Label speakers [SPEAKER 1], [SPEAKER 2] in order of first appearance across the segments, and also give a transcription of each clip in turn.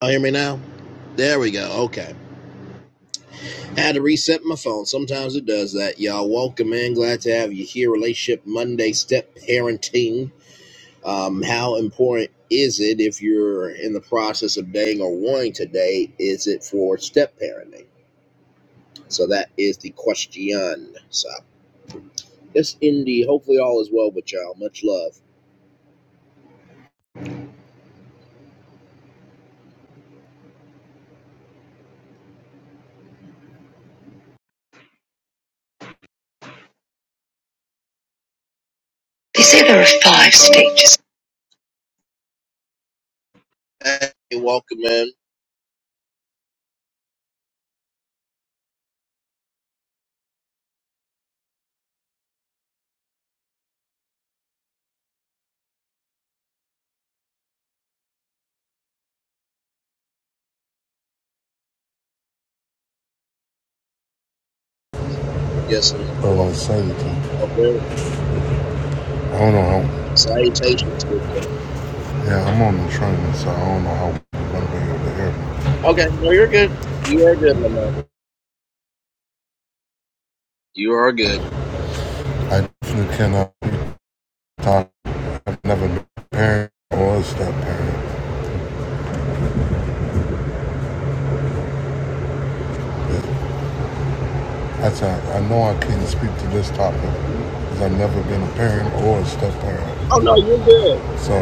[SPEAKER 1] Y'all hear me now? There we go. Okay. I Had to reset my phone. Sometimes it does that. Y'all welcome in. Glad to have you here. Relationship Monday step parenting. Um, how important is it if you're in the process of dating or wanting to date? Is it for step parenting? So that is the question. So it's Indy. Hopefully all is well with y'all. Much love. They say there are five stages. Hey, welcome in. I'm guessing
[SPEAKER 2] I
[SPEAKER 1] you
[SPEAKER 2] won't say anything.
[SPEAKER 1] are. Okay.
[SPEAKER 2] I don't know how.
[SPEAKER 1] Salutations. with uh,
[SPEAKER 2] Yeah, I'm on the train, so I don't know how I'm gonna be able to hear me.
[SPEAKER 1] Okay, no, you're good. You are good, my man. You are good.
[SPEAKER 2] I definitely cannot be talk. I've never been a parent or a step parent. That's a, I know I can't speak to this topic
[SPEAKER 1] Oh
[SPEAKER 2] because I've never been a parent or a step parent.
[SPEAKER 1] no, you're good.
[SPEAKER 2] So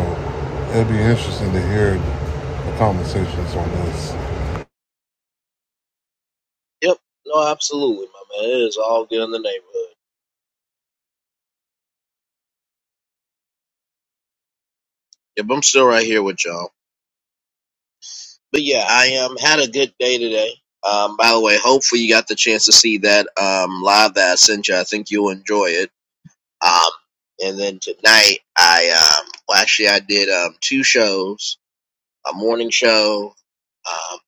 [SPEAKER 2] it'll be interesting to hear the conversations on this.
[SPEAKER 1] Yep. No, absolutely, my man. It is all good in the neighborhood. Yep, I'm still right here with y'all. But yeah, I um had a good day today. Um, by the way, hopefully you got the chance to see that um live that I sent you. I think you'll enjoy it. Um, and then tonight I um well actually I did um two shows, a morning show. Um,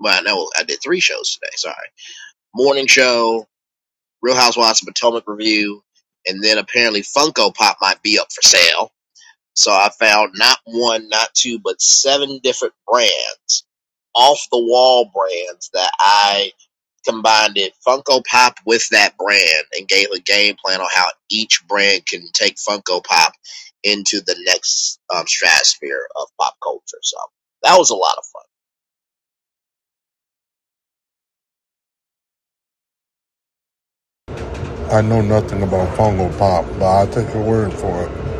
[SPEAKER 1] well no, I did three shows today. Sorry, morning show. Real Housewives of Potomac review, and then apparently Funko Pop might be up for sale. So I found not one, not two, but seven different brands, off the wall brands that I combined it Funko Pop with that brand and gave a game plan on how each brand can take Funko Pop into the next um, stratosphere of pop culture. So that was a lot of fun.
[SPEAKER 2] I know nothing about fungal pop, but I'll take your word for it.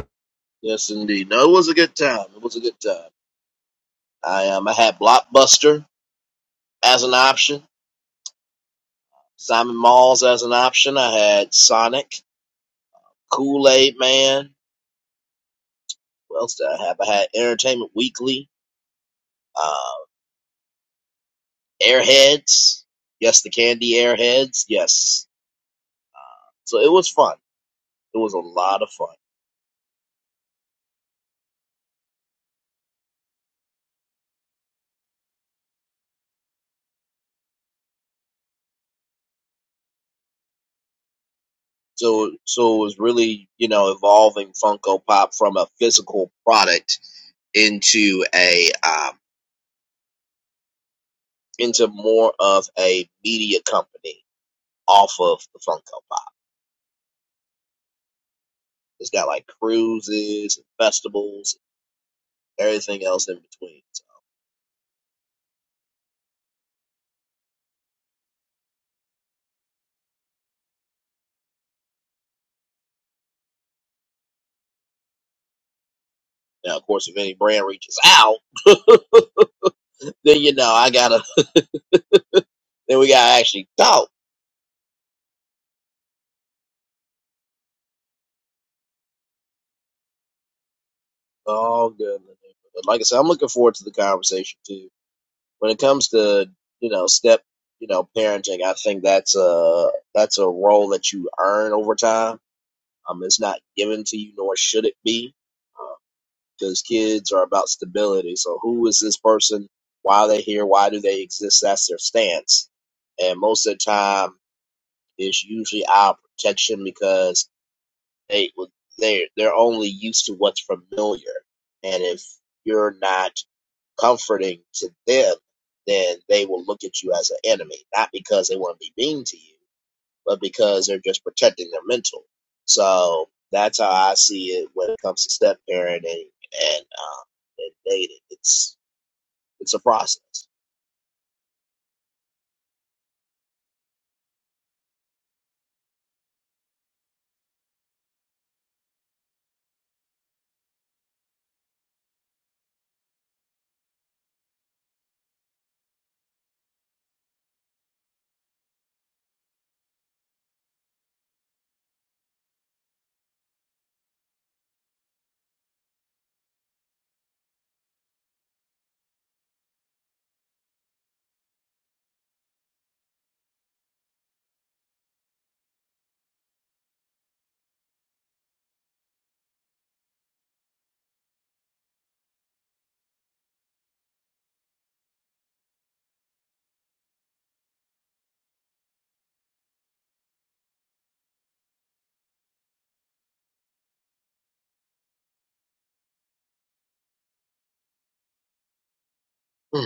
[SPEAKER 1] Yes, indeed. No, it was a good time. It was a good time. I um, I had Blockbuster as an option. Simon Malls as an option. I had Sonic, Kool Aid Man. What else did I have? I had Entertainment Weekly, uh, Airheads. Yes, the candy Airheads. Yes. So it was fun. It was a lot of fun. So, so it was really, you know, evolving Funko Pop from a physical product into a, um, into more of a media company off of the Funko Pop. It's got like cruises and festivals everything else in between. So Now, of course, if any brand reaches out, then you know I gotta. Then we gotta actually talk. Oh goodness! But like I said, I'm looking forward to the conversation too. When it comes to you know step you know parenting, I think that's a that's a role that you earn over time. Um, it's not given to you, nor should it be, because kids are about stability. So, who is this person? Why are they here? Why do they exist? That's their stance. And most of the time, it's usually our protection because they would they they're only used to what's familiar and if you're not comforting to them then they will look at you as an enemy not because they want to be mean to you but because they're just protecting their mental so that's how i see it when it comes to step parenting and um and dating it's it's a process Hmm.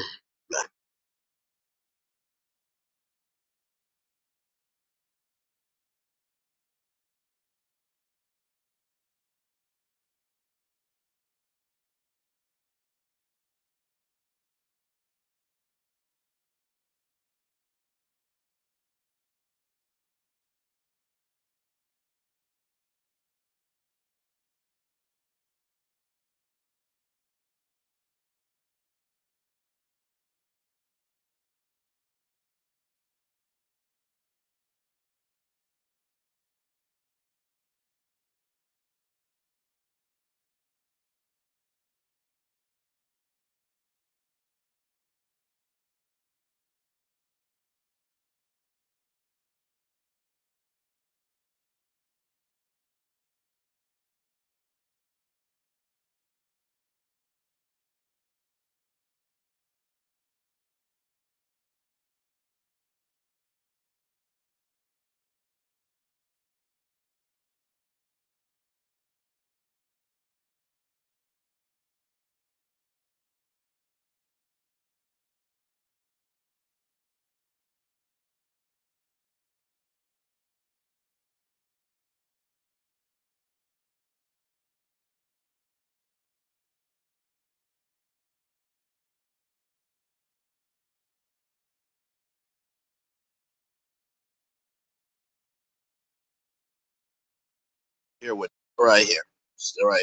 [SPEAKER 1] here with right here right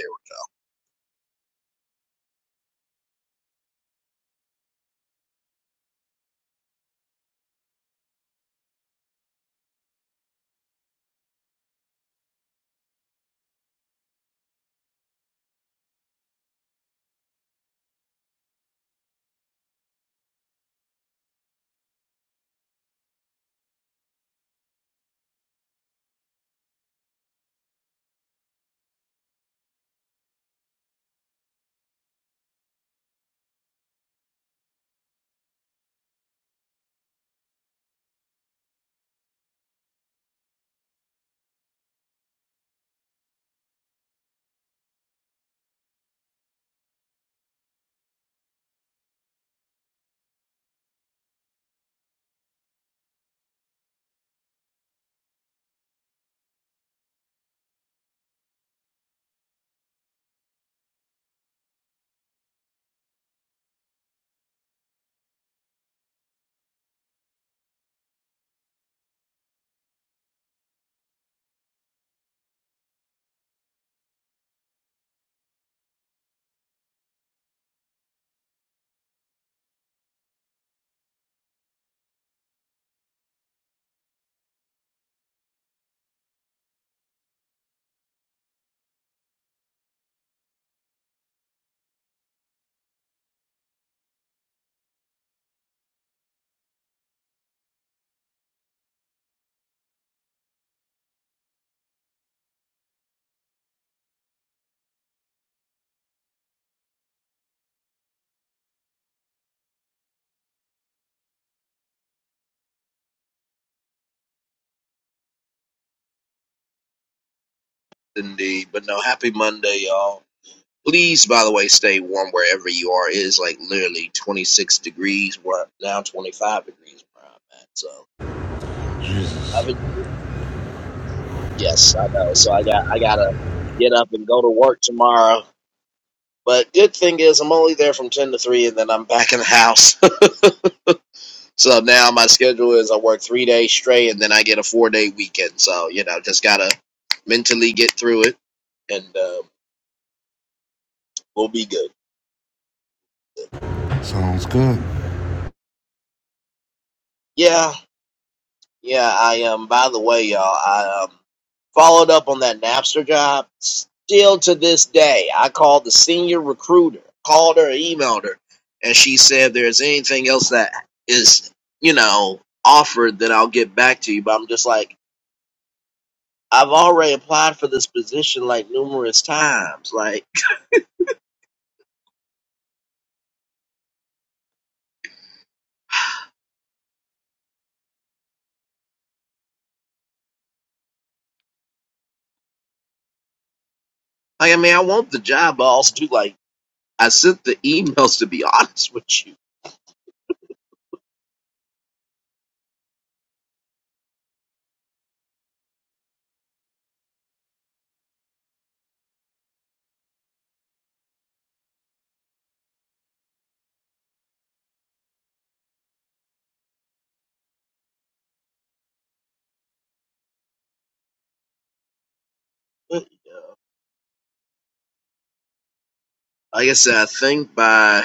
[SPEAKER 1] here indeed but no happy monday y'all Please, by the way, stay warm wherever you are. It is like literally 26 degrees. We're now 25 degrees where I'm at. So, I've
[SPEAKER 2] Jesus.
[SPEAKER 1] been, yes, I know. So I got I gotta get up and go to work tomorrow. But good thing is I'm only there from 10 to 3, and then I'm back in the house. so now my schedule is I work three days straight, and then I get a four day weekend. So you know, just gotta mentally get through it, and uh, we'll be good.
[SPEAKER 2] Sounds good.
[SPEAKER 1] Yeah, Yeah, I um by the way, y'all, I um followed up on that Napster job. Still to this day, I called the senior recruiter, called her, emailed her, and she said if there's anything else that is, you know, offered then I'll get back to you. But I'm just like, I've already applied for this position like numerous times. Like like I mean I want the job, but I also do like I sent the emails to be honest with you. Like I said, I think by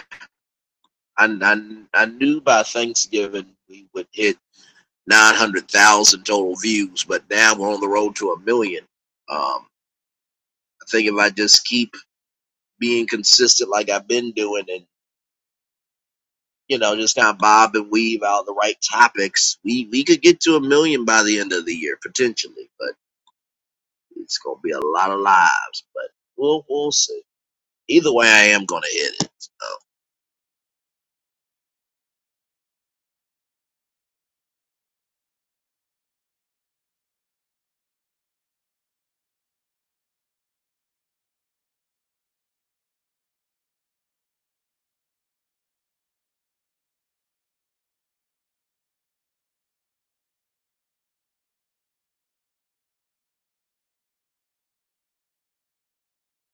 [SPEAKER 1] And I, I, knew by Thanksgiving we would hit 900,000 total views, but now we're on the road to a million. Um, I think if I just keep being consistent like I've been doing and, you know, just kind of bob and weave out the right topics, we, we could get to a million by the end of the year, potentially, but it's going to be a lot of lives, but we'll, we'll see. Either way, I am going to hit it. So.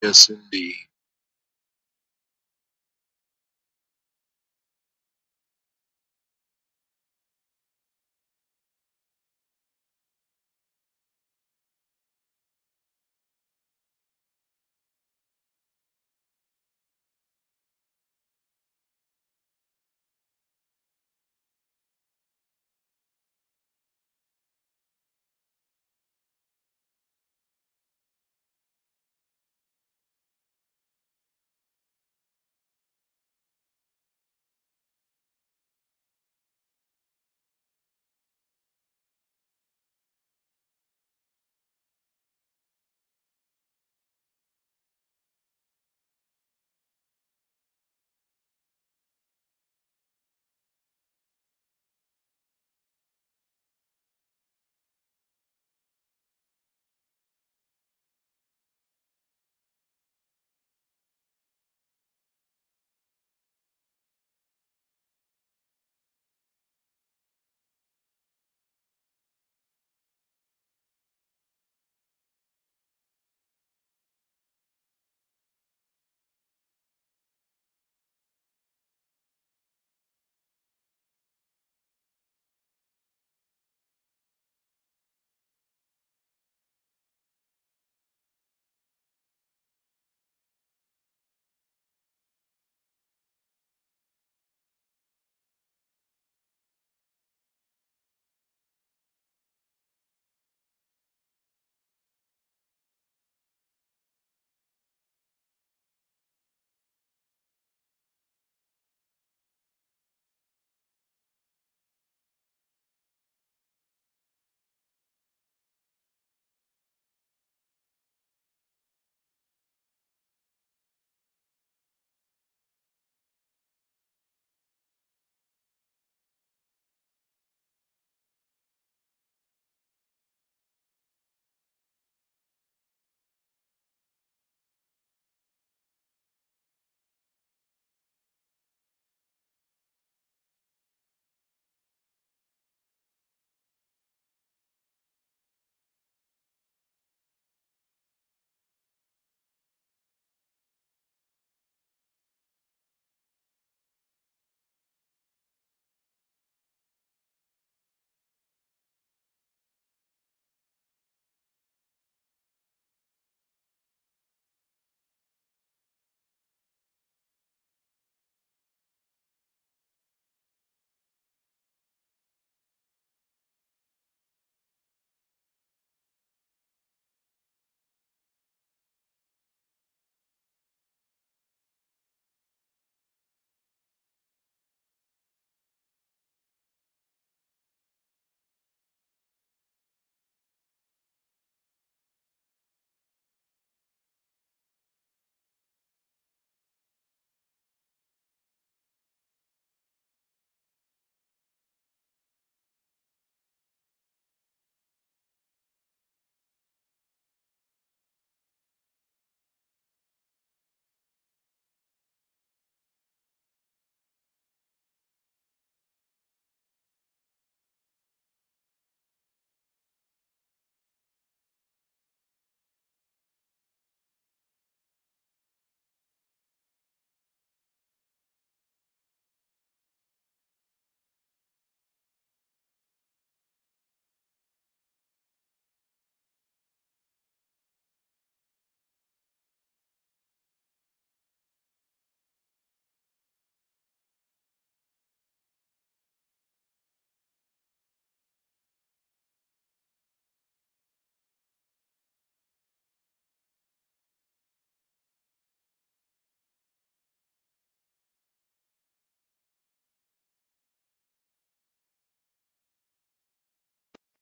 [SPEAKER 1] Yes, indeed.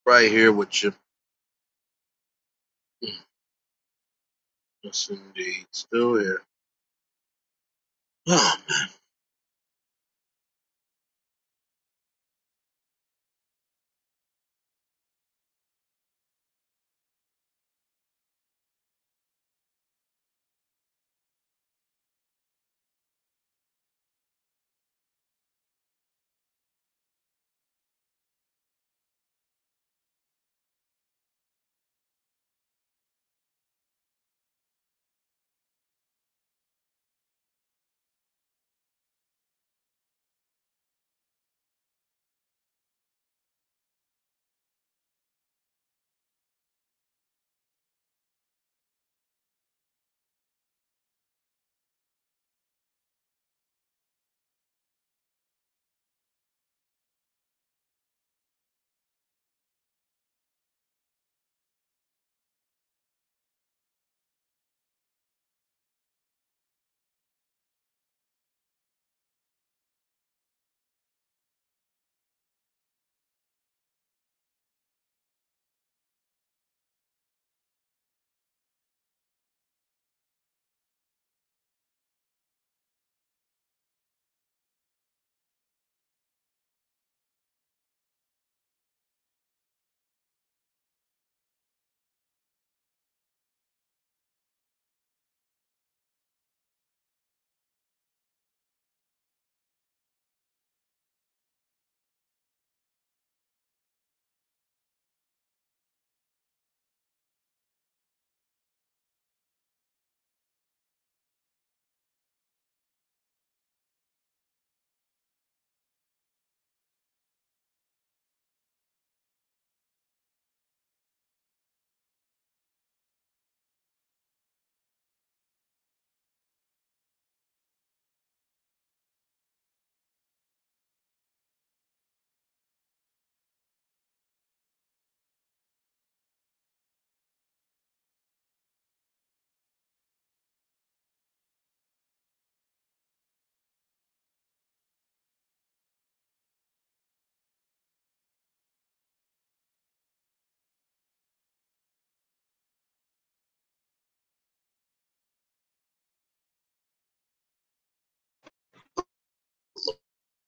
[SPEAKER 1] Right here with you. Yes, indeed. Still here. Oh man.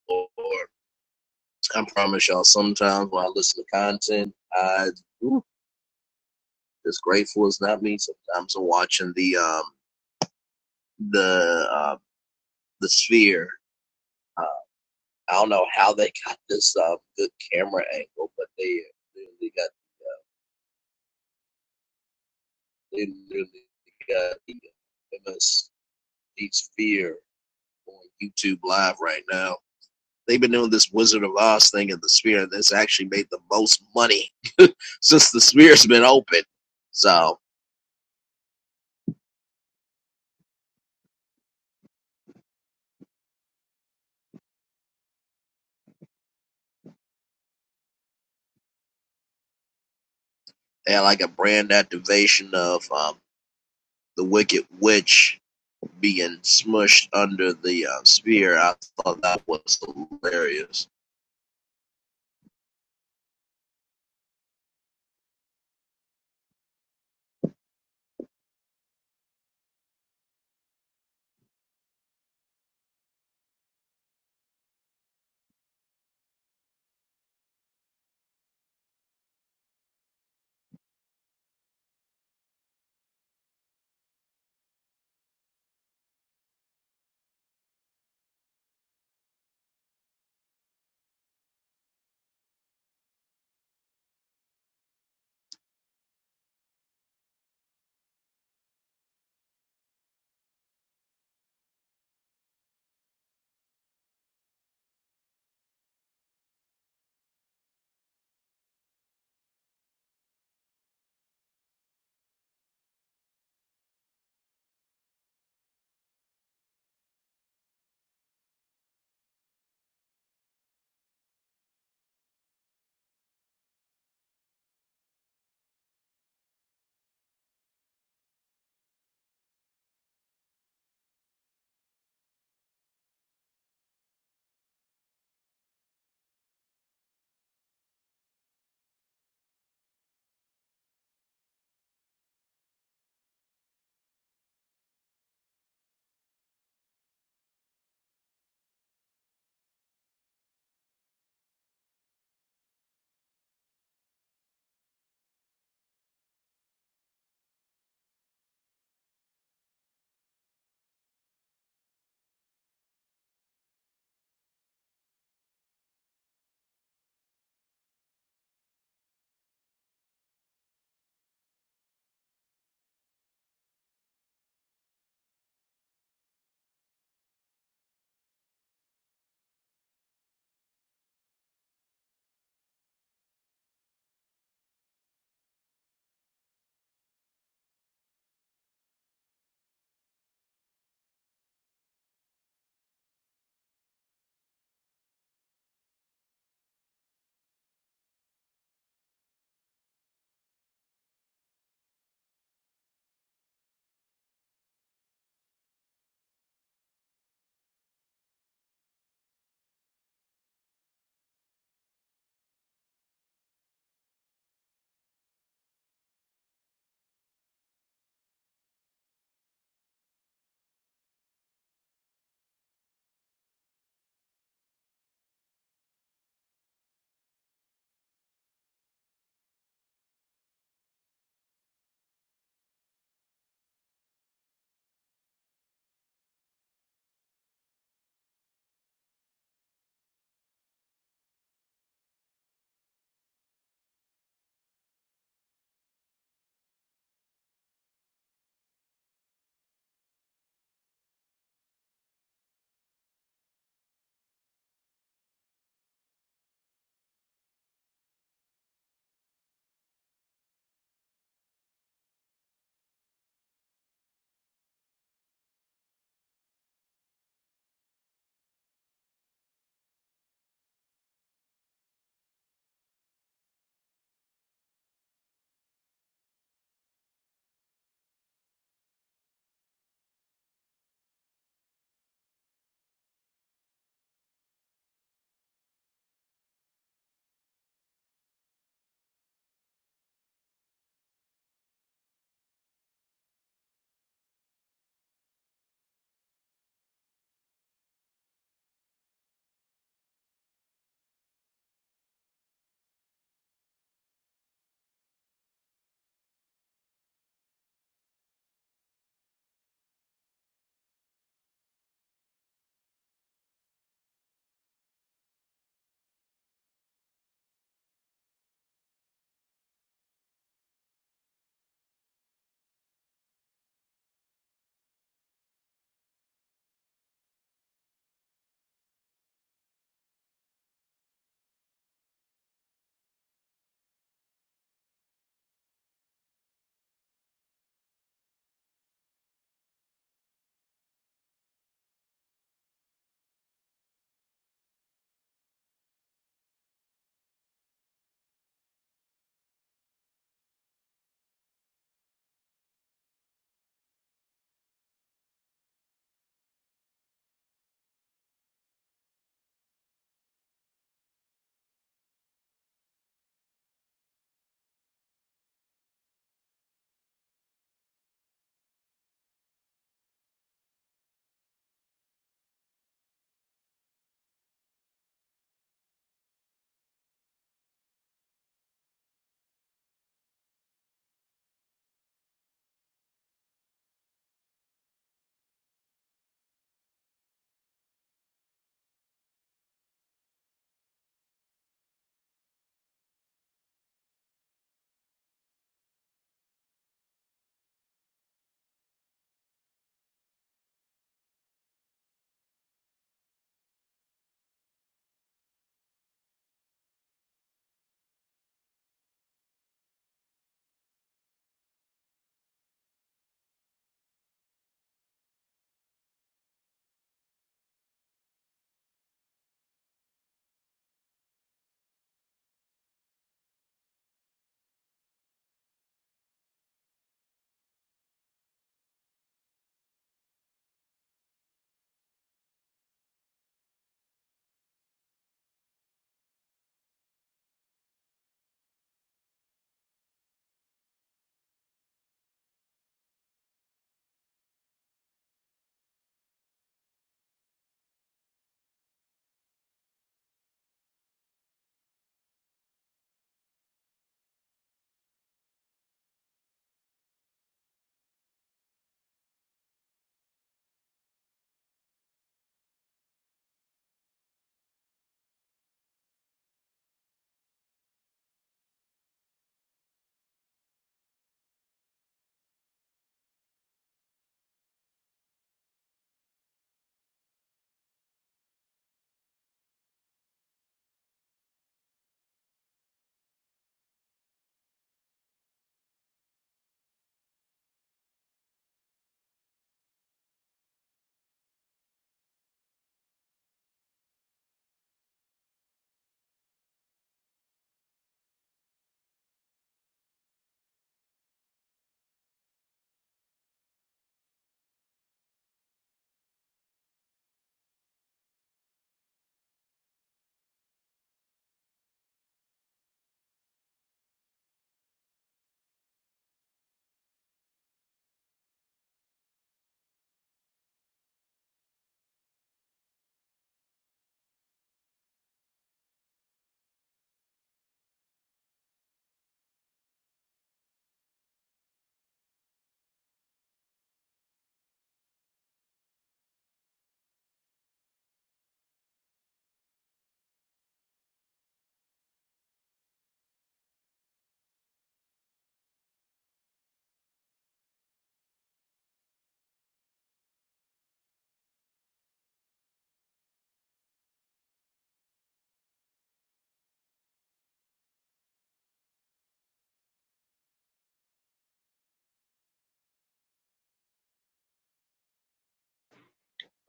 [SPEAKER 1] Lord. I promise y'all, sometimes when I listen to content, I ooh, as grateful as not me. Sometimes I'm watching the um the uh, the sphere. Uh, I don't know how they got this uh, good camera angle, but they really got they really got the MSD sphere on YouTube live right now. They've been doing this Wizard of Oz thing in the sphere, and it's actually made the most money since the sphere's been open. So They had like a brand activation of um, the Wicked Witch being smushed under the uh, spear. I thought that was hilarious.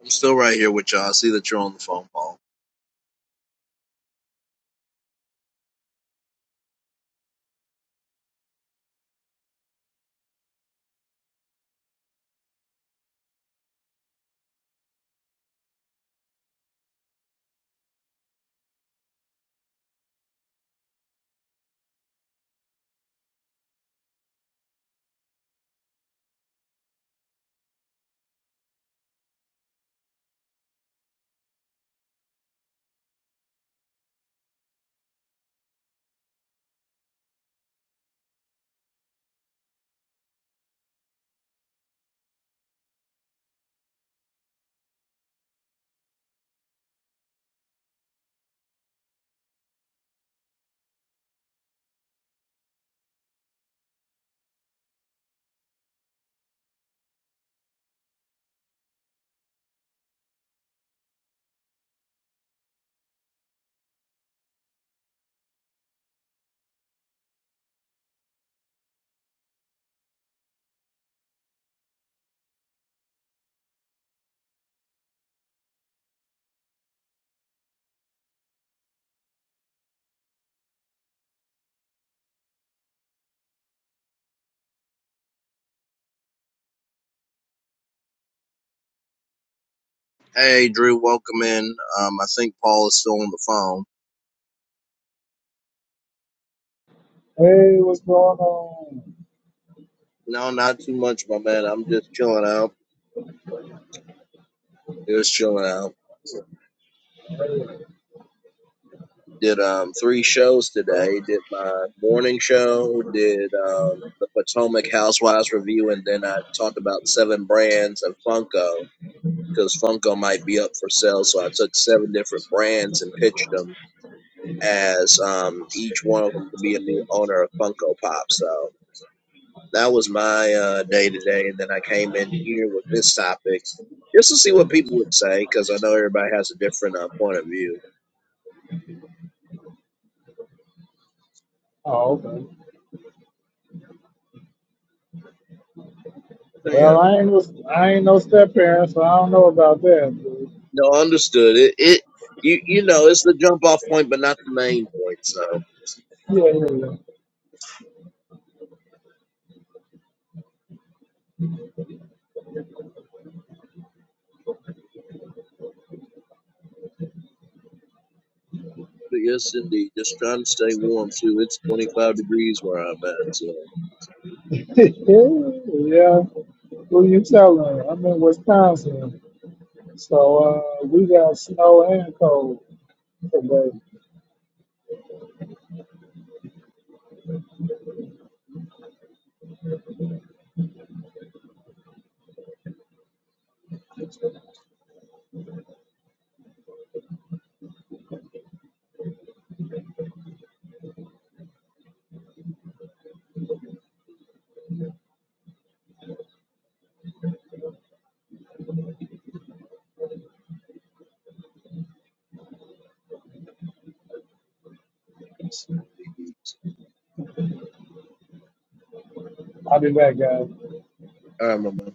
[SPEAKER 1] I'm still right here with y'all. I see that you're on the phone, Paul. Hey, Drew, welcome in. Um, I think Paul is still on the phone.
[SPEAKER 3] Hey, what's going on?
[SPEAKER 1] No, not too much, my man. I'm just chilling out. Just chilling out. Did um three shows today. Did my morning show. Did um the Potomac Housewives review, and then I talked about seven brands of Funko because Funko might be up for sale. So I took seven different brands and pitched them as um, each one of them could be a new owner of Funko Pop. So that was my uh, day today. And then I came in here with this topic just to see what people would say because I know everybody has a different uh, point of view.
[SPEAKER 3] Oh, okay.
[SPEAKER 1] So, yeah,
[SPEAKER 3] Well, I ain't was I ain't no step parent, so I don't know about that. But
[SPEAKER 1] no, understood. It, it you, you know, it's the jump off point, but not the main point. So.
[SPEAKER 3] yeah,
[SPEAKER 1] But yes, indeed. Just trying to stay warm too. It's 25 degrees where I'm at, so.
[SPEAKER 3] yeah. Yeah. Who you telling? I'm in Wisconsin, so uh, we got snow and cold today. I'll be back, guys.
[SPEAKER 1] All right, my man.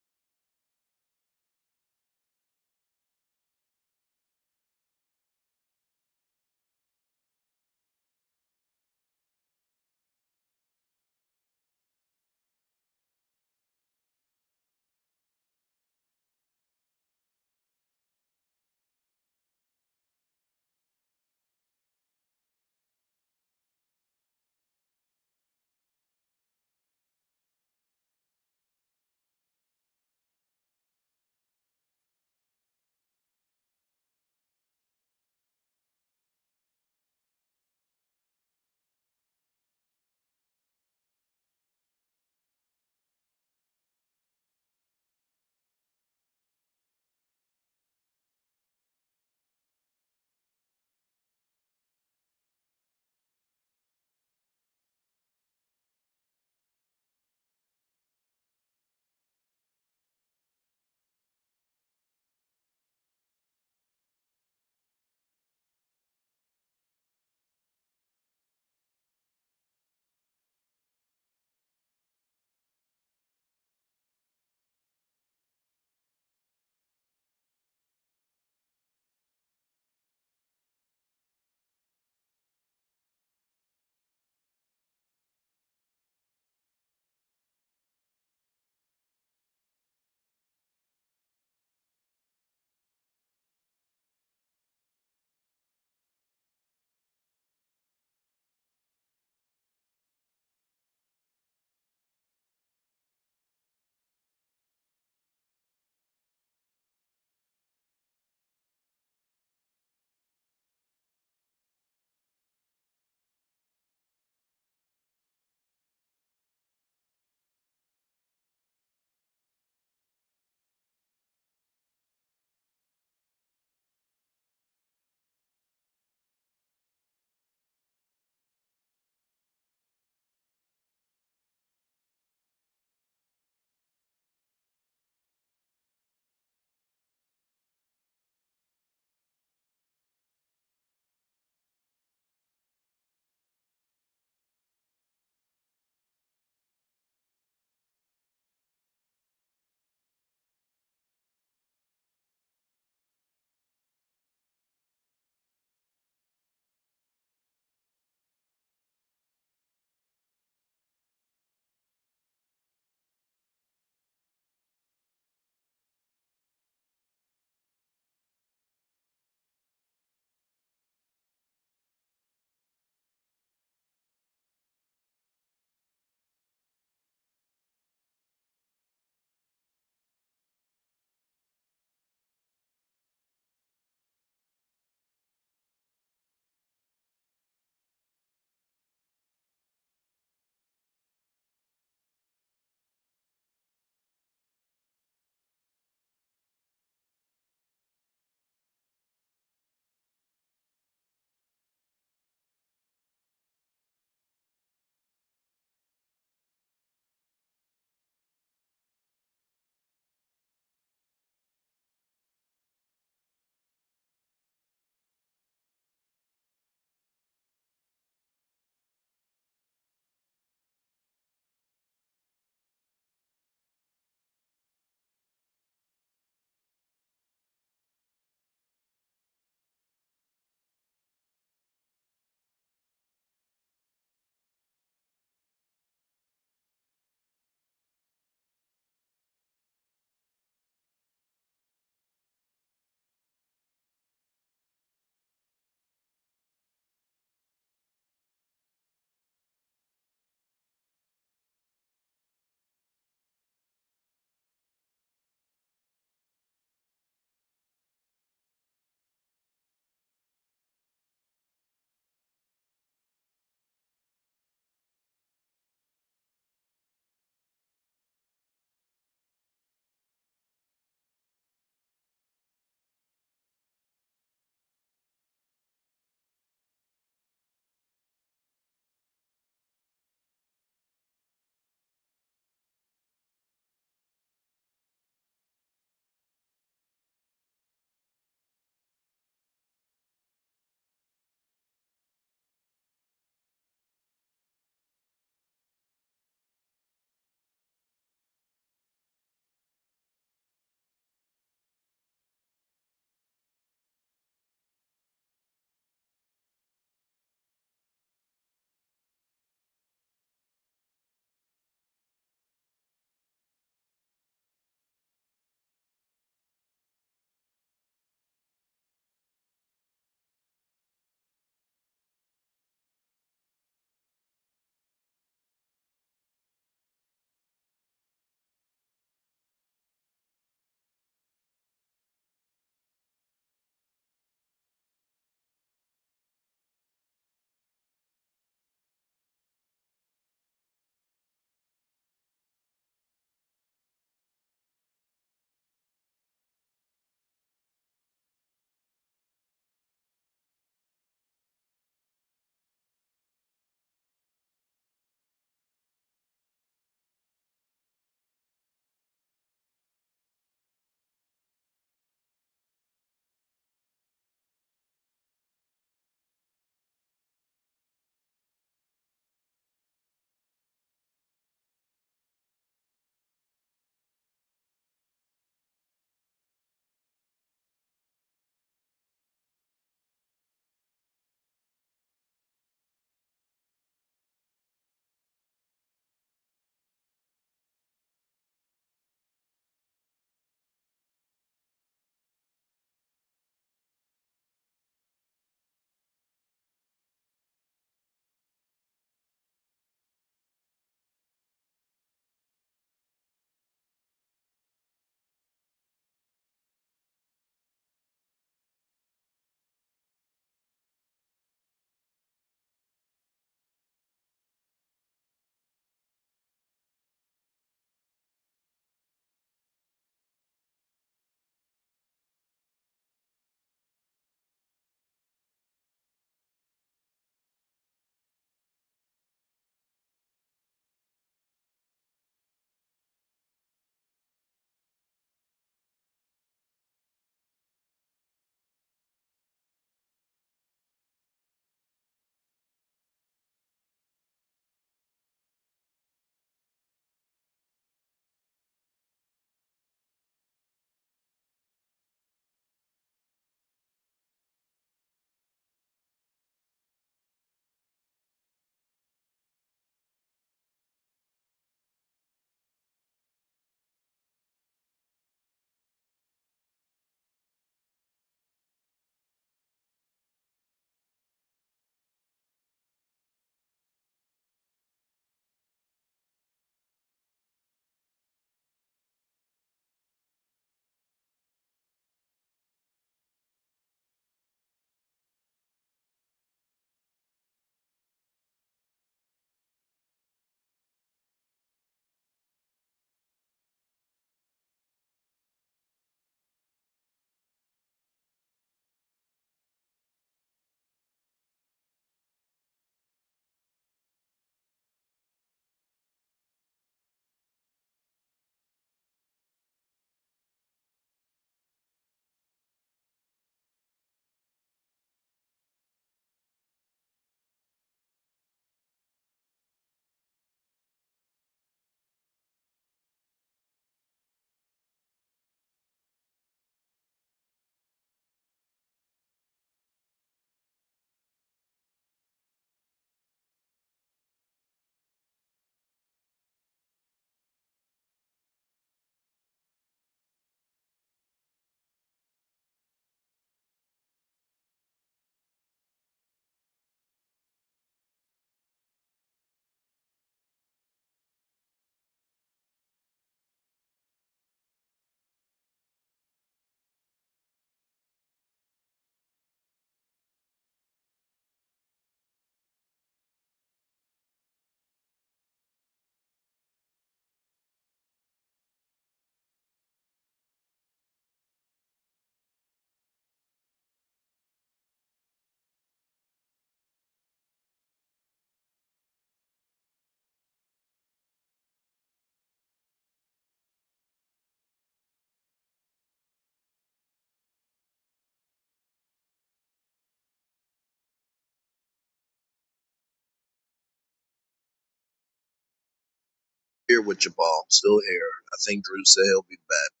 [SPEAKER 1] Here with Jabal, still here. I think Drew said he'll be back.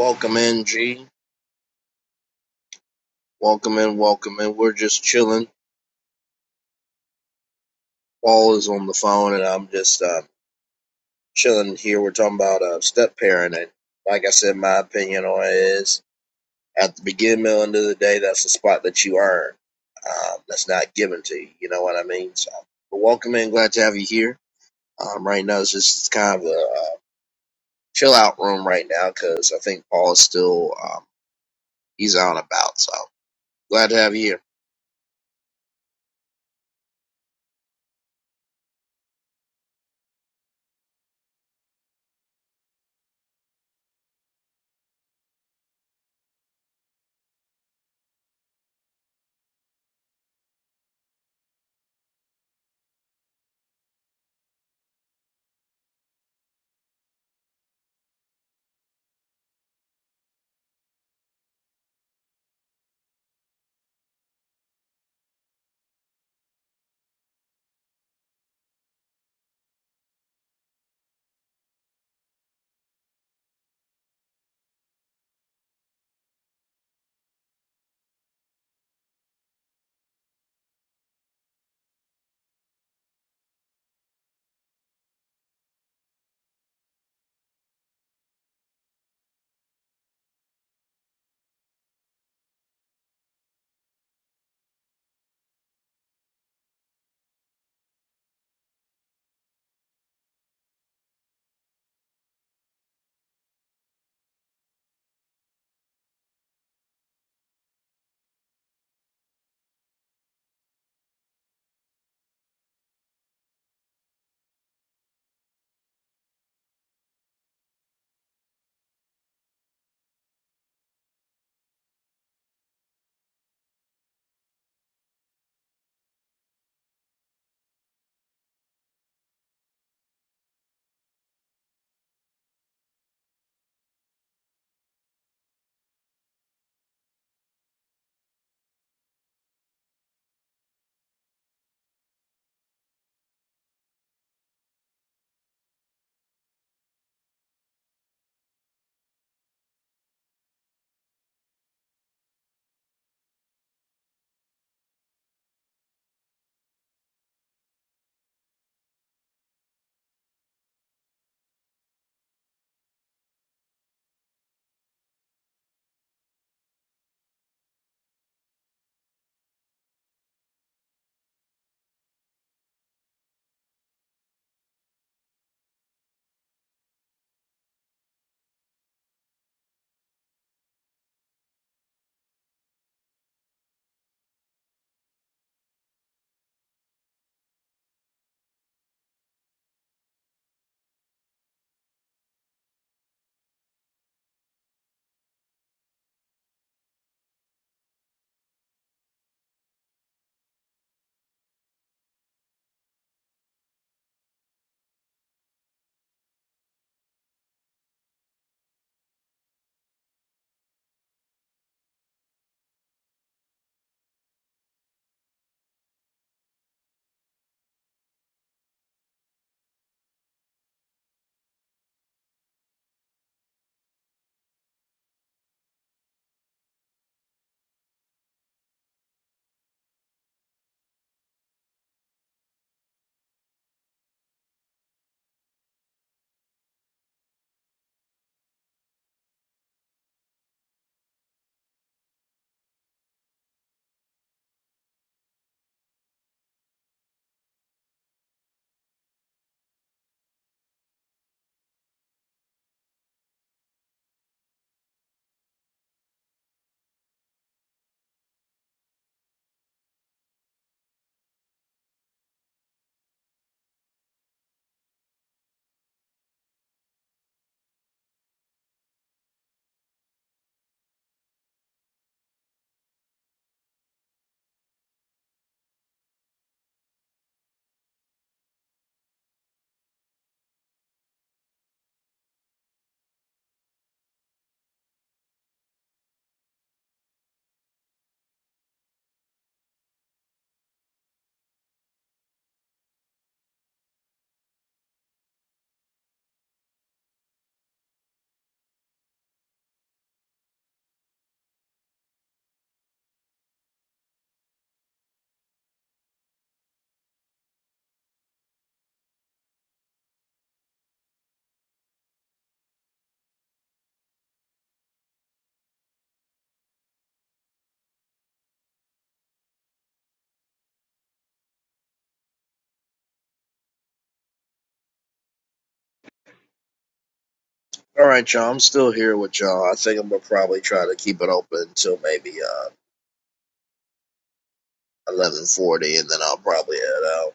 [SPEAKER 1] Welcome in, G. Welcome in, welcome in. We're just chilling. Paul is on the phone, and I'm just uh, chilling here. We're talking about uh, step parenting. Like I said, my opinion on it is at the beginning, middle, end of the day, that's the spot that you earn. Um, that's not given to you. You know what I mean? So, but welcome in. Glad to have you here. Um, right now, it's just kind of a uh, chill out room right now because I think Paul is still um, he's out and about. So glad to have you here. All right, y'all. I'm still here with y'all. I think I'm gonna probably try to keep it open until maybe uh 11:40, and then I'll probably head out.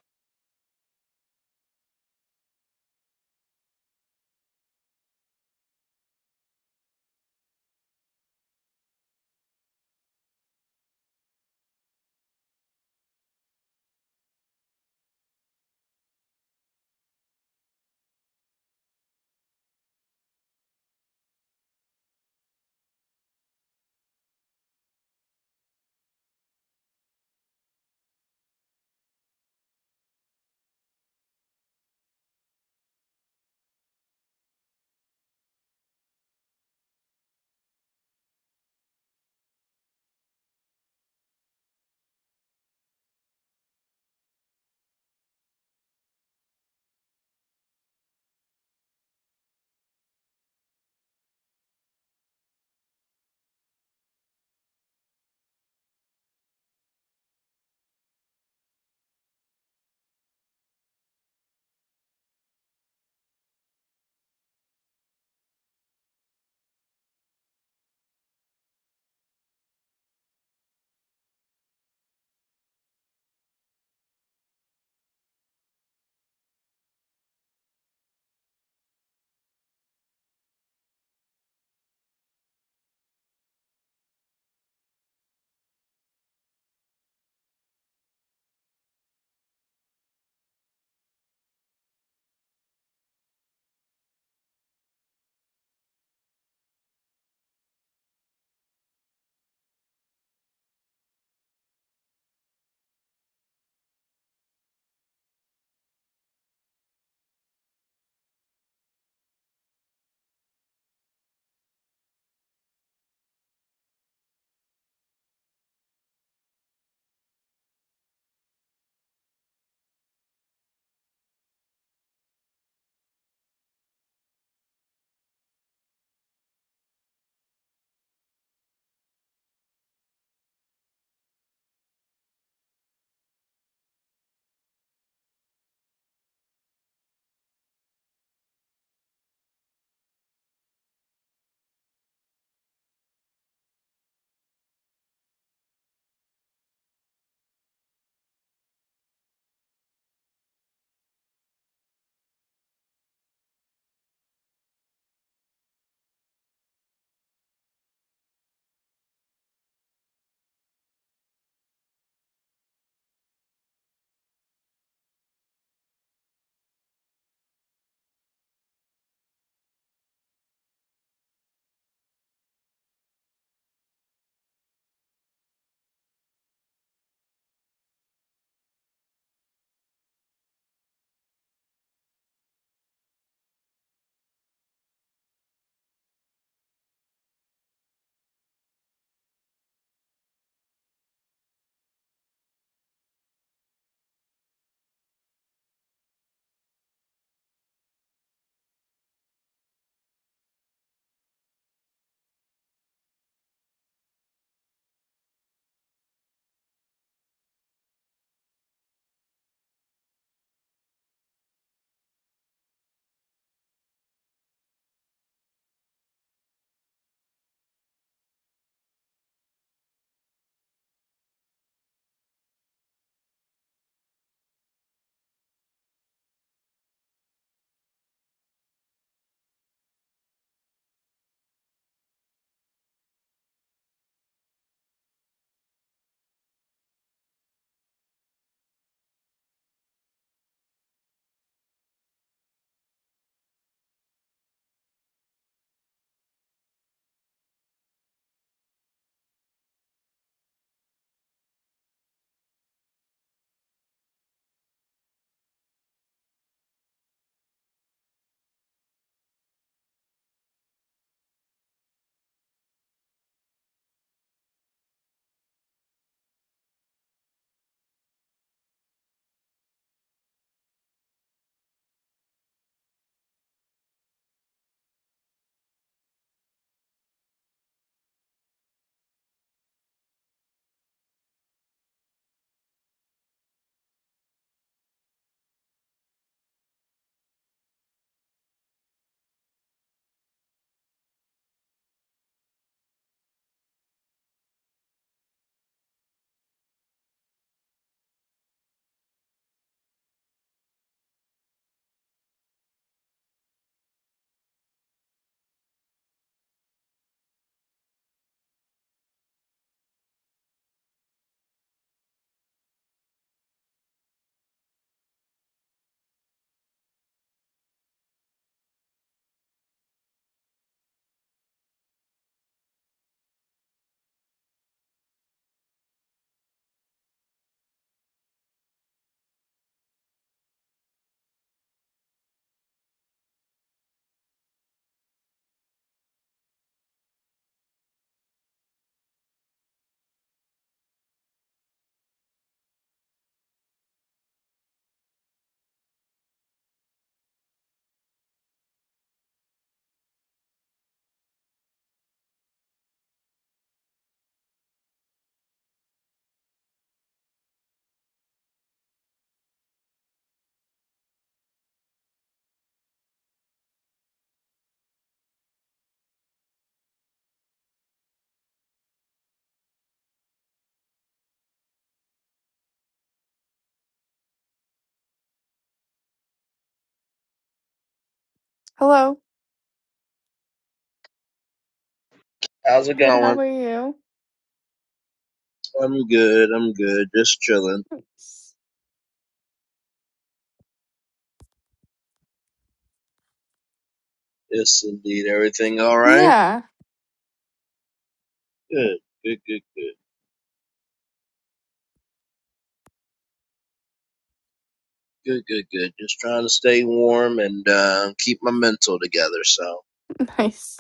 [SPEAKER 4] Hello.
[SPEAKER 1] How's it
[SPEAKER 4] Good. How
[SPEAKER 1] going?
[SPEAKER 4] are you?
[SPEAKER 1] I'm good. I'm good. Just chilling.
[SPEAKER 4] Nice.
[SPEAKER 1] Yes, indeed. Everything all right?
[SPEAKER 4] Yeah.
[SPEAKER 1] Good. Good. Good. Good. Good. Good. Good. Just trying to stay warm and uh, keep my mental together. So,
[SPEAKER 4] Nice.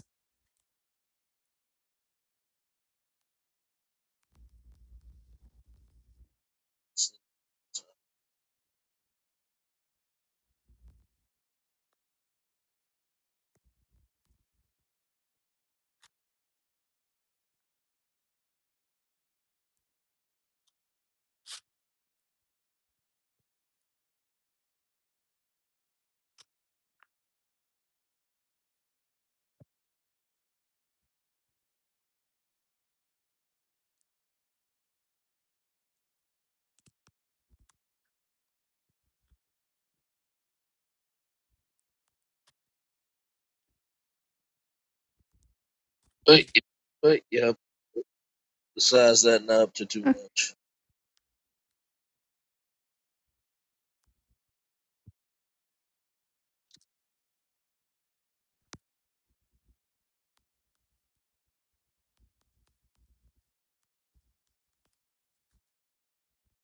[SPEAKER 4] Hey.
[SPEAKER 1] but yeah. Besides that, not up to too much.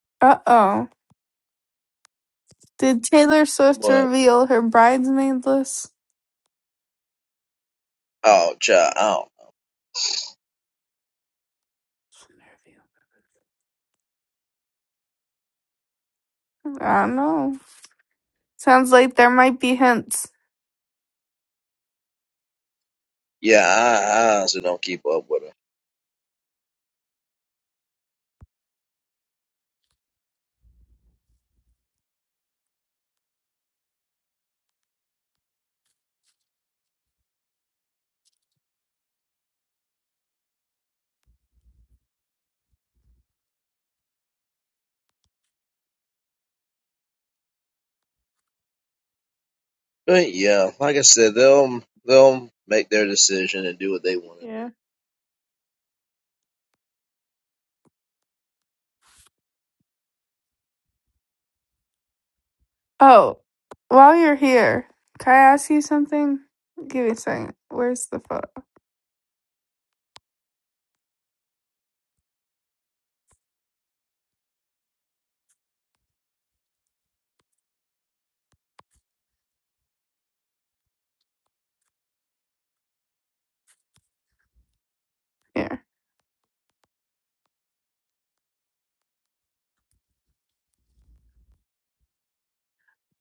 [SPEAKER 4] Uh oh. Did Taylor Swift
[SPEAKER 1] But
[SPEAKER 4] reveal her bridesmaid list?
[SPEAKER 1] oh, child. I don't-
[SPEAKER 4] I don't know. Sounds like there might be hints.
[SPEAKER 1] Yeah, I, I honestly don't keep up with it. But yeah, like I said, they'll they'll make their decision and do what they want to do.
[SPEAKER 4] Yeah. Oh, while you're here, can I ask you something? Give me a second. Where's the photo? Here.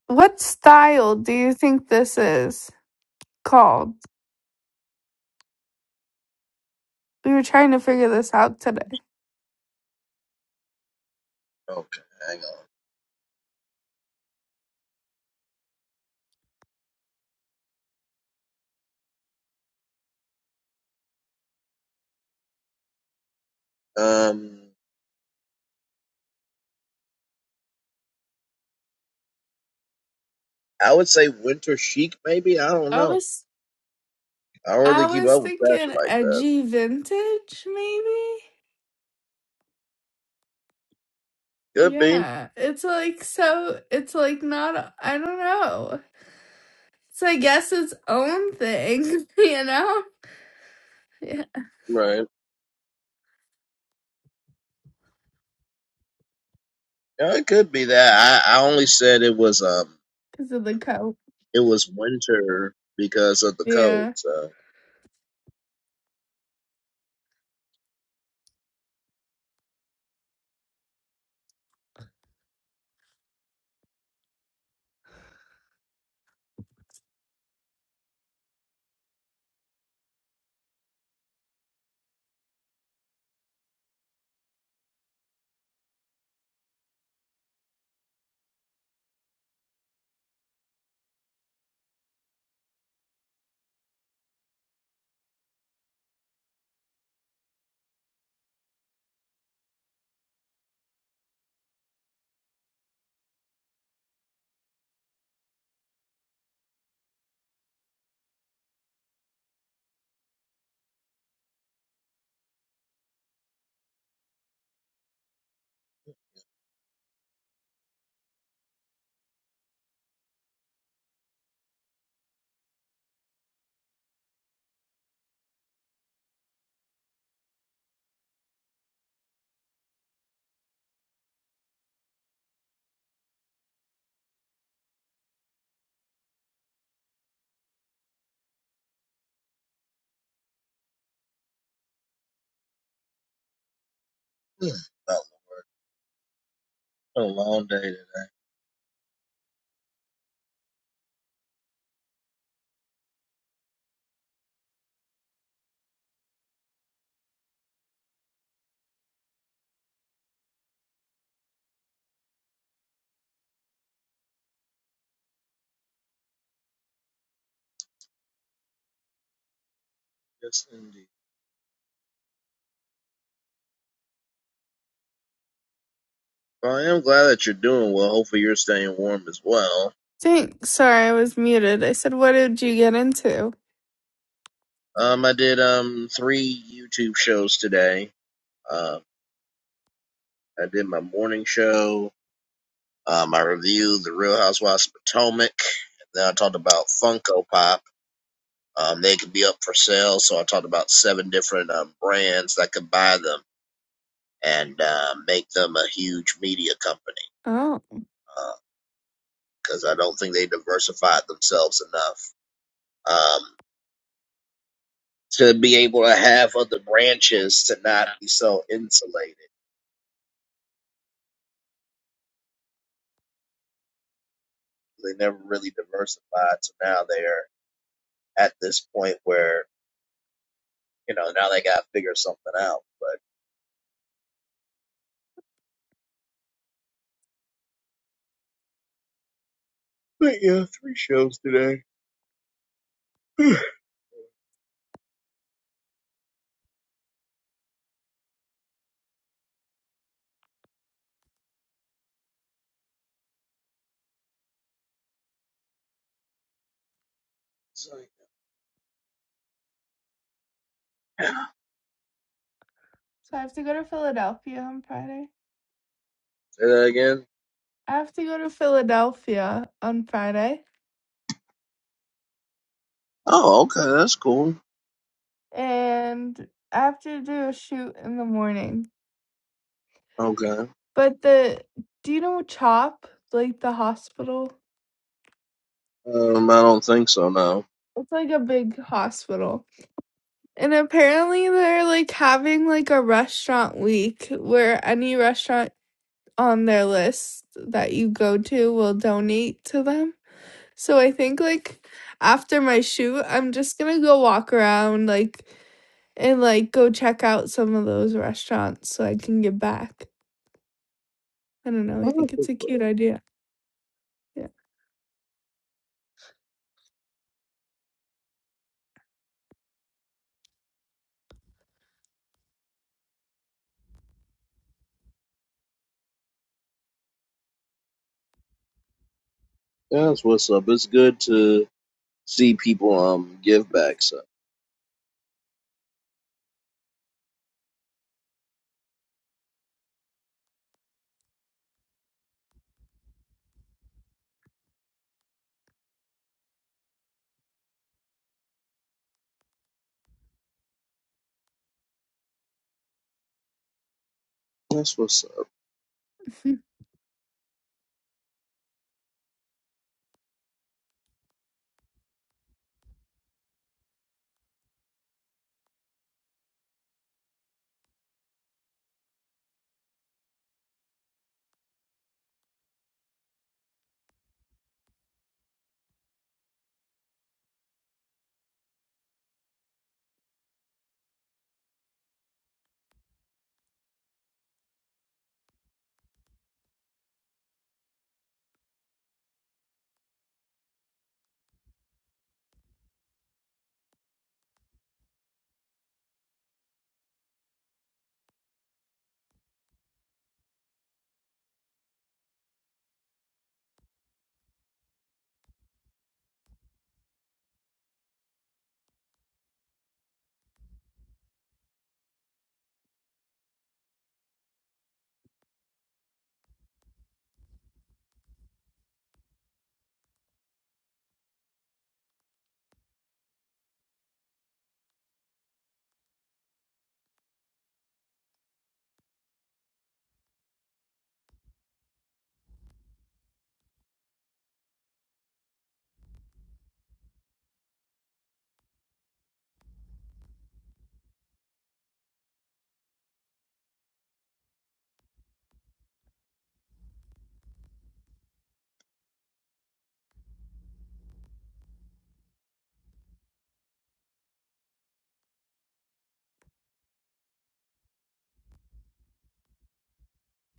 [SPEAKER 4] What style do you think this is called? We were trying to figure this out today.
[SPEAKER 1] Okay, hang on. Um, I would say Winter Chic, maybe. I don't
[SPEAKER 4] I
[SPEAKER 1] know.
[SPEAKER 4] was.
[SPEAKER 1] I don't
[SPEAKER 4] I
[SPEAKER 1] really keep
[SPEAKER 4] was
[SPEAKER 1] up with fashion
[SPEAKER 4] thinking
[SPEAKER 1] like that.
[SPEAKER 4] edgy vintage, maybe?
[SPEAKER 1] Could be
[SPEAKER 4] Yeah. It's like so, it's like not, I don't know. It's, I guess, its own thing, you know? Yeah.
[SPEAKER 1] right. Yeah, it could be that. I, I only said it was um
[SPEAKER 4] Because of the coat.
[SPEAKER 1] it was winter because of the cold.
[SPEAKER 4] Yeah.
[SPEAKER 1] So Hmm. a a long day today. Yes, indeed. Well, I am glad that you're doing well. Hopefully, you're staying warm as well.
[SPEAKER 4] Thanks. Sorry, I was muted. I said, what did you get into?
[SPEAKER 1] Um, I did um three YouTube shows today. Uh, I did my morning show. Um, I reviewed The Real Housewives of Potomac. Then I talked about Funko Pop. Um, they could be up for sale, so I talked about seven different um, brands that could buy them and uh, make them a huge media company
[SPEAKER 4] Oh.
[SPEAKER 1] because I don't think they diversified themselves enough um, to be able to have other branches to not be so insulated. They never really diversified, so now they're at this point where you know, now they got to figure something out. But, but yeah, three shows today. It's like, yeah.
[SPEAKER 4] So I have to go to Philadelphia on Friday.
[SPEAKER 1] Say that again.
[SPEAKER 4] I have to go to Philadelphia on Friday.
[SPEAKER 1] Oh, okay, that's cool.
[SPEAKER 4] And I have to do a shoot in the morning.
[SPEAKER 1] Okay,
[SPEAKER 4] But the do you know CHOP? Like the hospital?
[SPEAKER 1] um, I don't think so. No,
[SPEAKER 4] It's like a big hospital. And apparently they're like having like a restaurant week where any restaurant on their list that you go to will donate to them. So I think like after my shoot, I'm just gonna go walk around like and like go check out some of those restaurants so I can give back. I don't know. I
[SPEAKER 1] I
[SPEAKER 4] think
[SPEAKER 1] don't
[SPEAKER 4] it's
[SPEAKER 1] think
[SPEAKER 4] a
[SPEAKER 1] so.
[SPEAKER 4] cute idea. Yeah.
[SPEAKER 1] that's what's up. It's good to see people um give back. So that's what's up.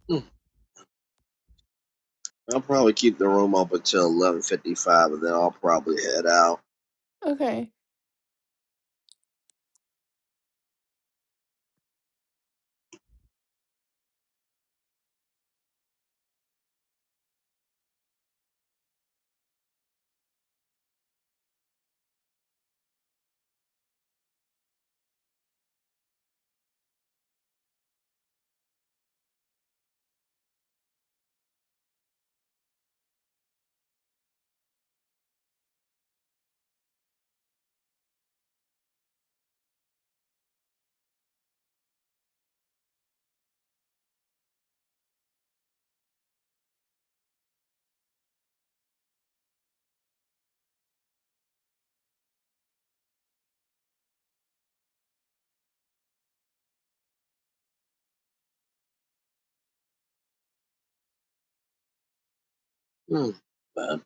[SPEAKER 1] Hmm. I'll probably keep the room up until eleven fifty five, and then I'll probably head out.
[SPEAKER 4] okay.
[SPEAKER 1] Hmm. But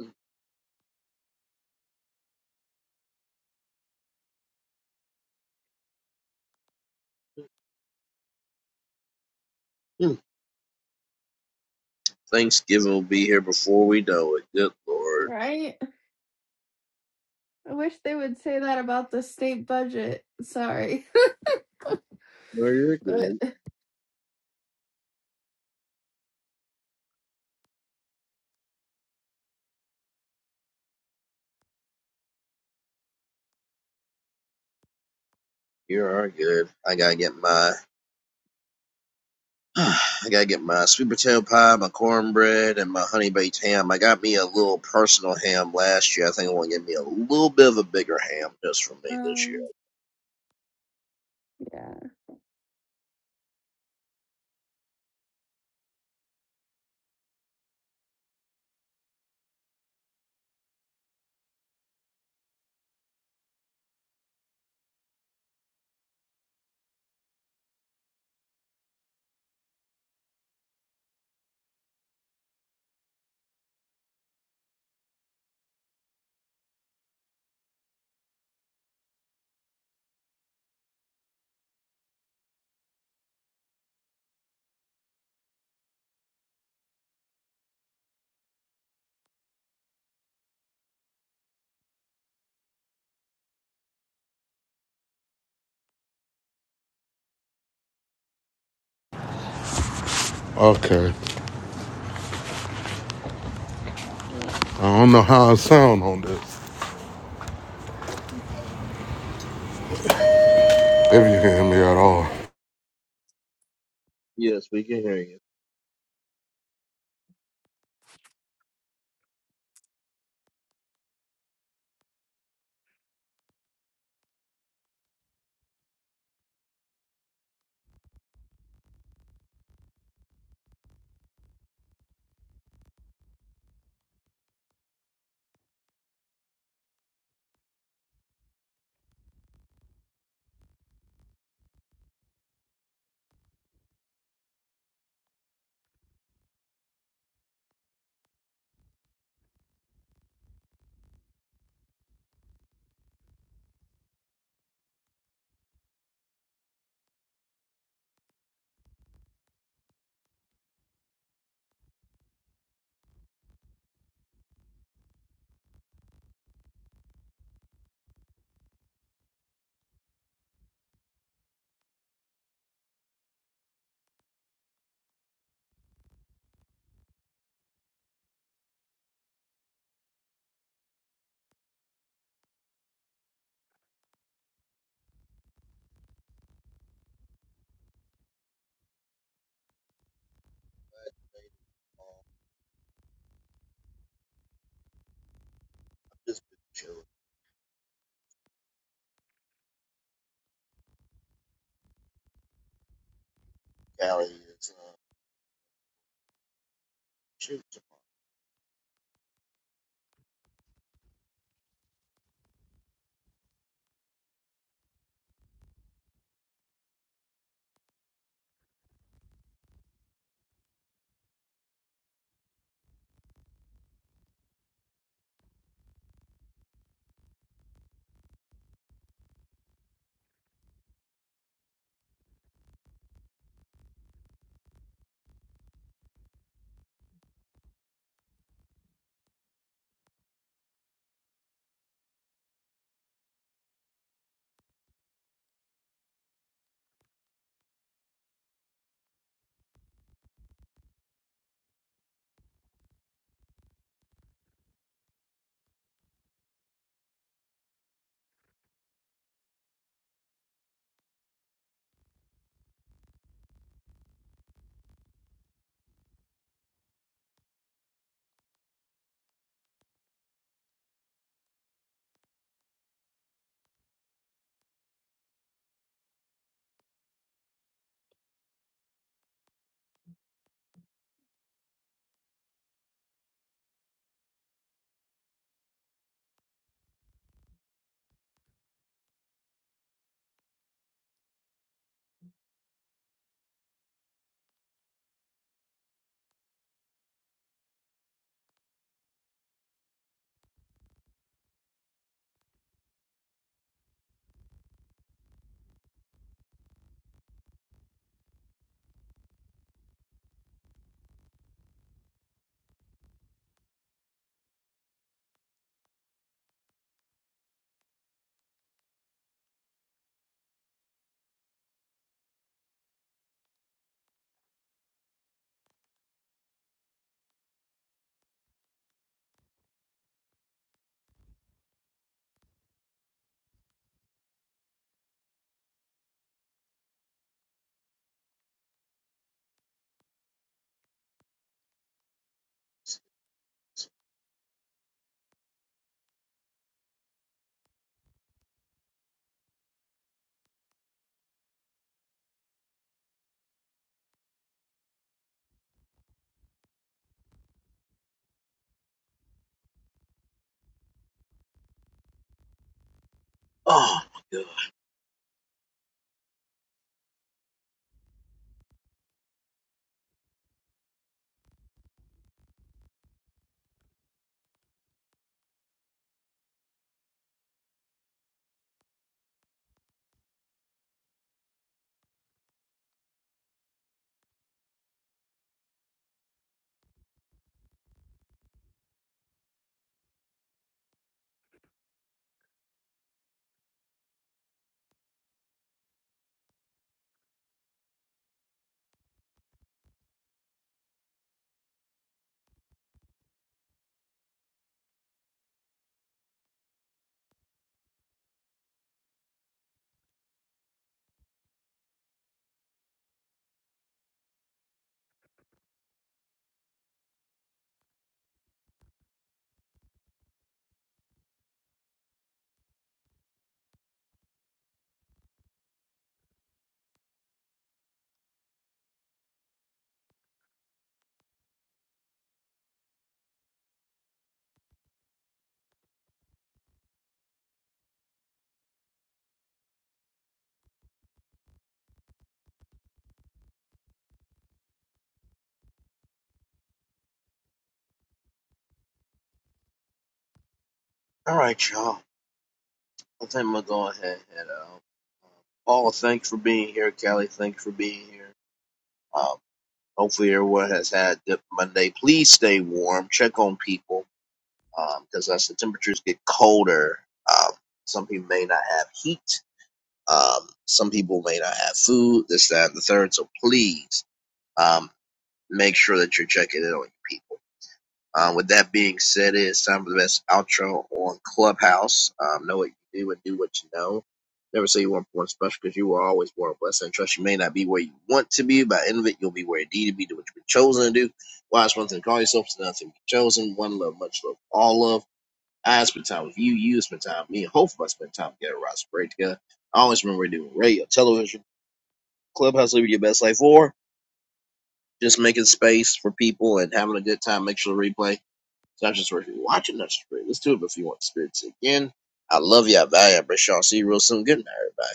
[SPEAKER 1] hmm. hmm. Thanksgiving will be here before we know it. Good lord.
[SPEAKER 4] Right? I wish they would say that about the state budget. Sorry.
[SPEAKER 1] No, you're good.
[SPEAKER 4] But
[SPEAKER 1] You are good. I gotta get my I gotta get my sweet potato pie, my cornbread, and my honey baked ham. I got me a little personal ham last year. I think I want to get me a little bit of a bigger ham just for me this year.
[SPEAKER 4] um yeah.
[SPEAKER 2] Okay.
[SPEAKER 4] What?
[SPEAKER 2] I don't know how I sound on this, if you can hear me at all.
[SPEAKER 1] Yes, we can hear you. just chilling. Callie is uh, shoot Oh my god! All right, y'all. I think I'm gonna go ahead and head out. Paul, thanks for being here. Callie, thanks for being here. Um, hopefully everyone has had a good Monday. Please stay warm. Check on people. because as the temperatures get colder, um, some people may not have heat. Um, some people may not have food. This, that, and the third. So please um, make sure that you're checking in on your people. Um, with that being said, it's time for the best outro on Clubhouse. Um, know what you do and do what you know. Never say you weren't born special because you were always born blessed. And trust you may not be where you want to be. By the end of it, you'll be where you need to be. Do what you've been chosen to do. Why is one thing to call yourself? It's nothing to be chosen. One love, much love, all love. I spent time with you. You spent time with me. And hopefully, I spent time together. Rod sprayed together. I always remember doing radio, television, clubhouse, living your best life, or just making space for people and having a good time. Make sure to replay. It's not just for if you are watching, not just for you. Let's do it if you want to experience it again. I love you. I value you. I appreciate y'all. See you real soon. Good night, everybody.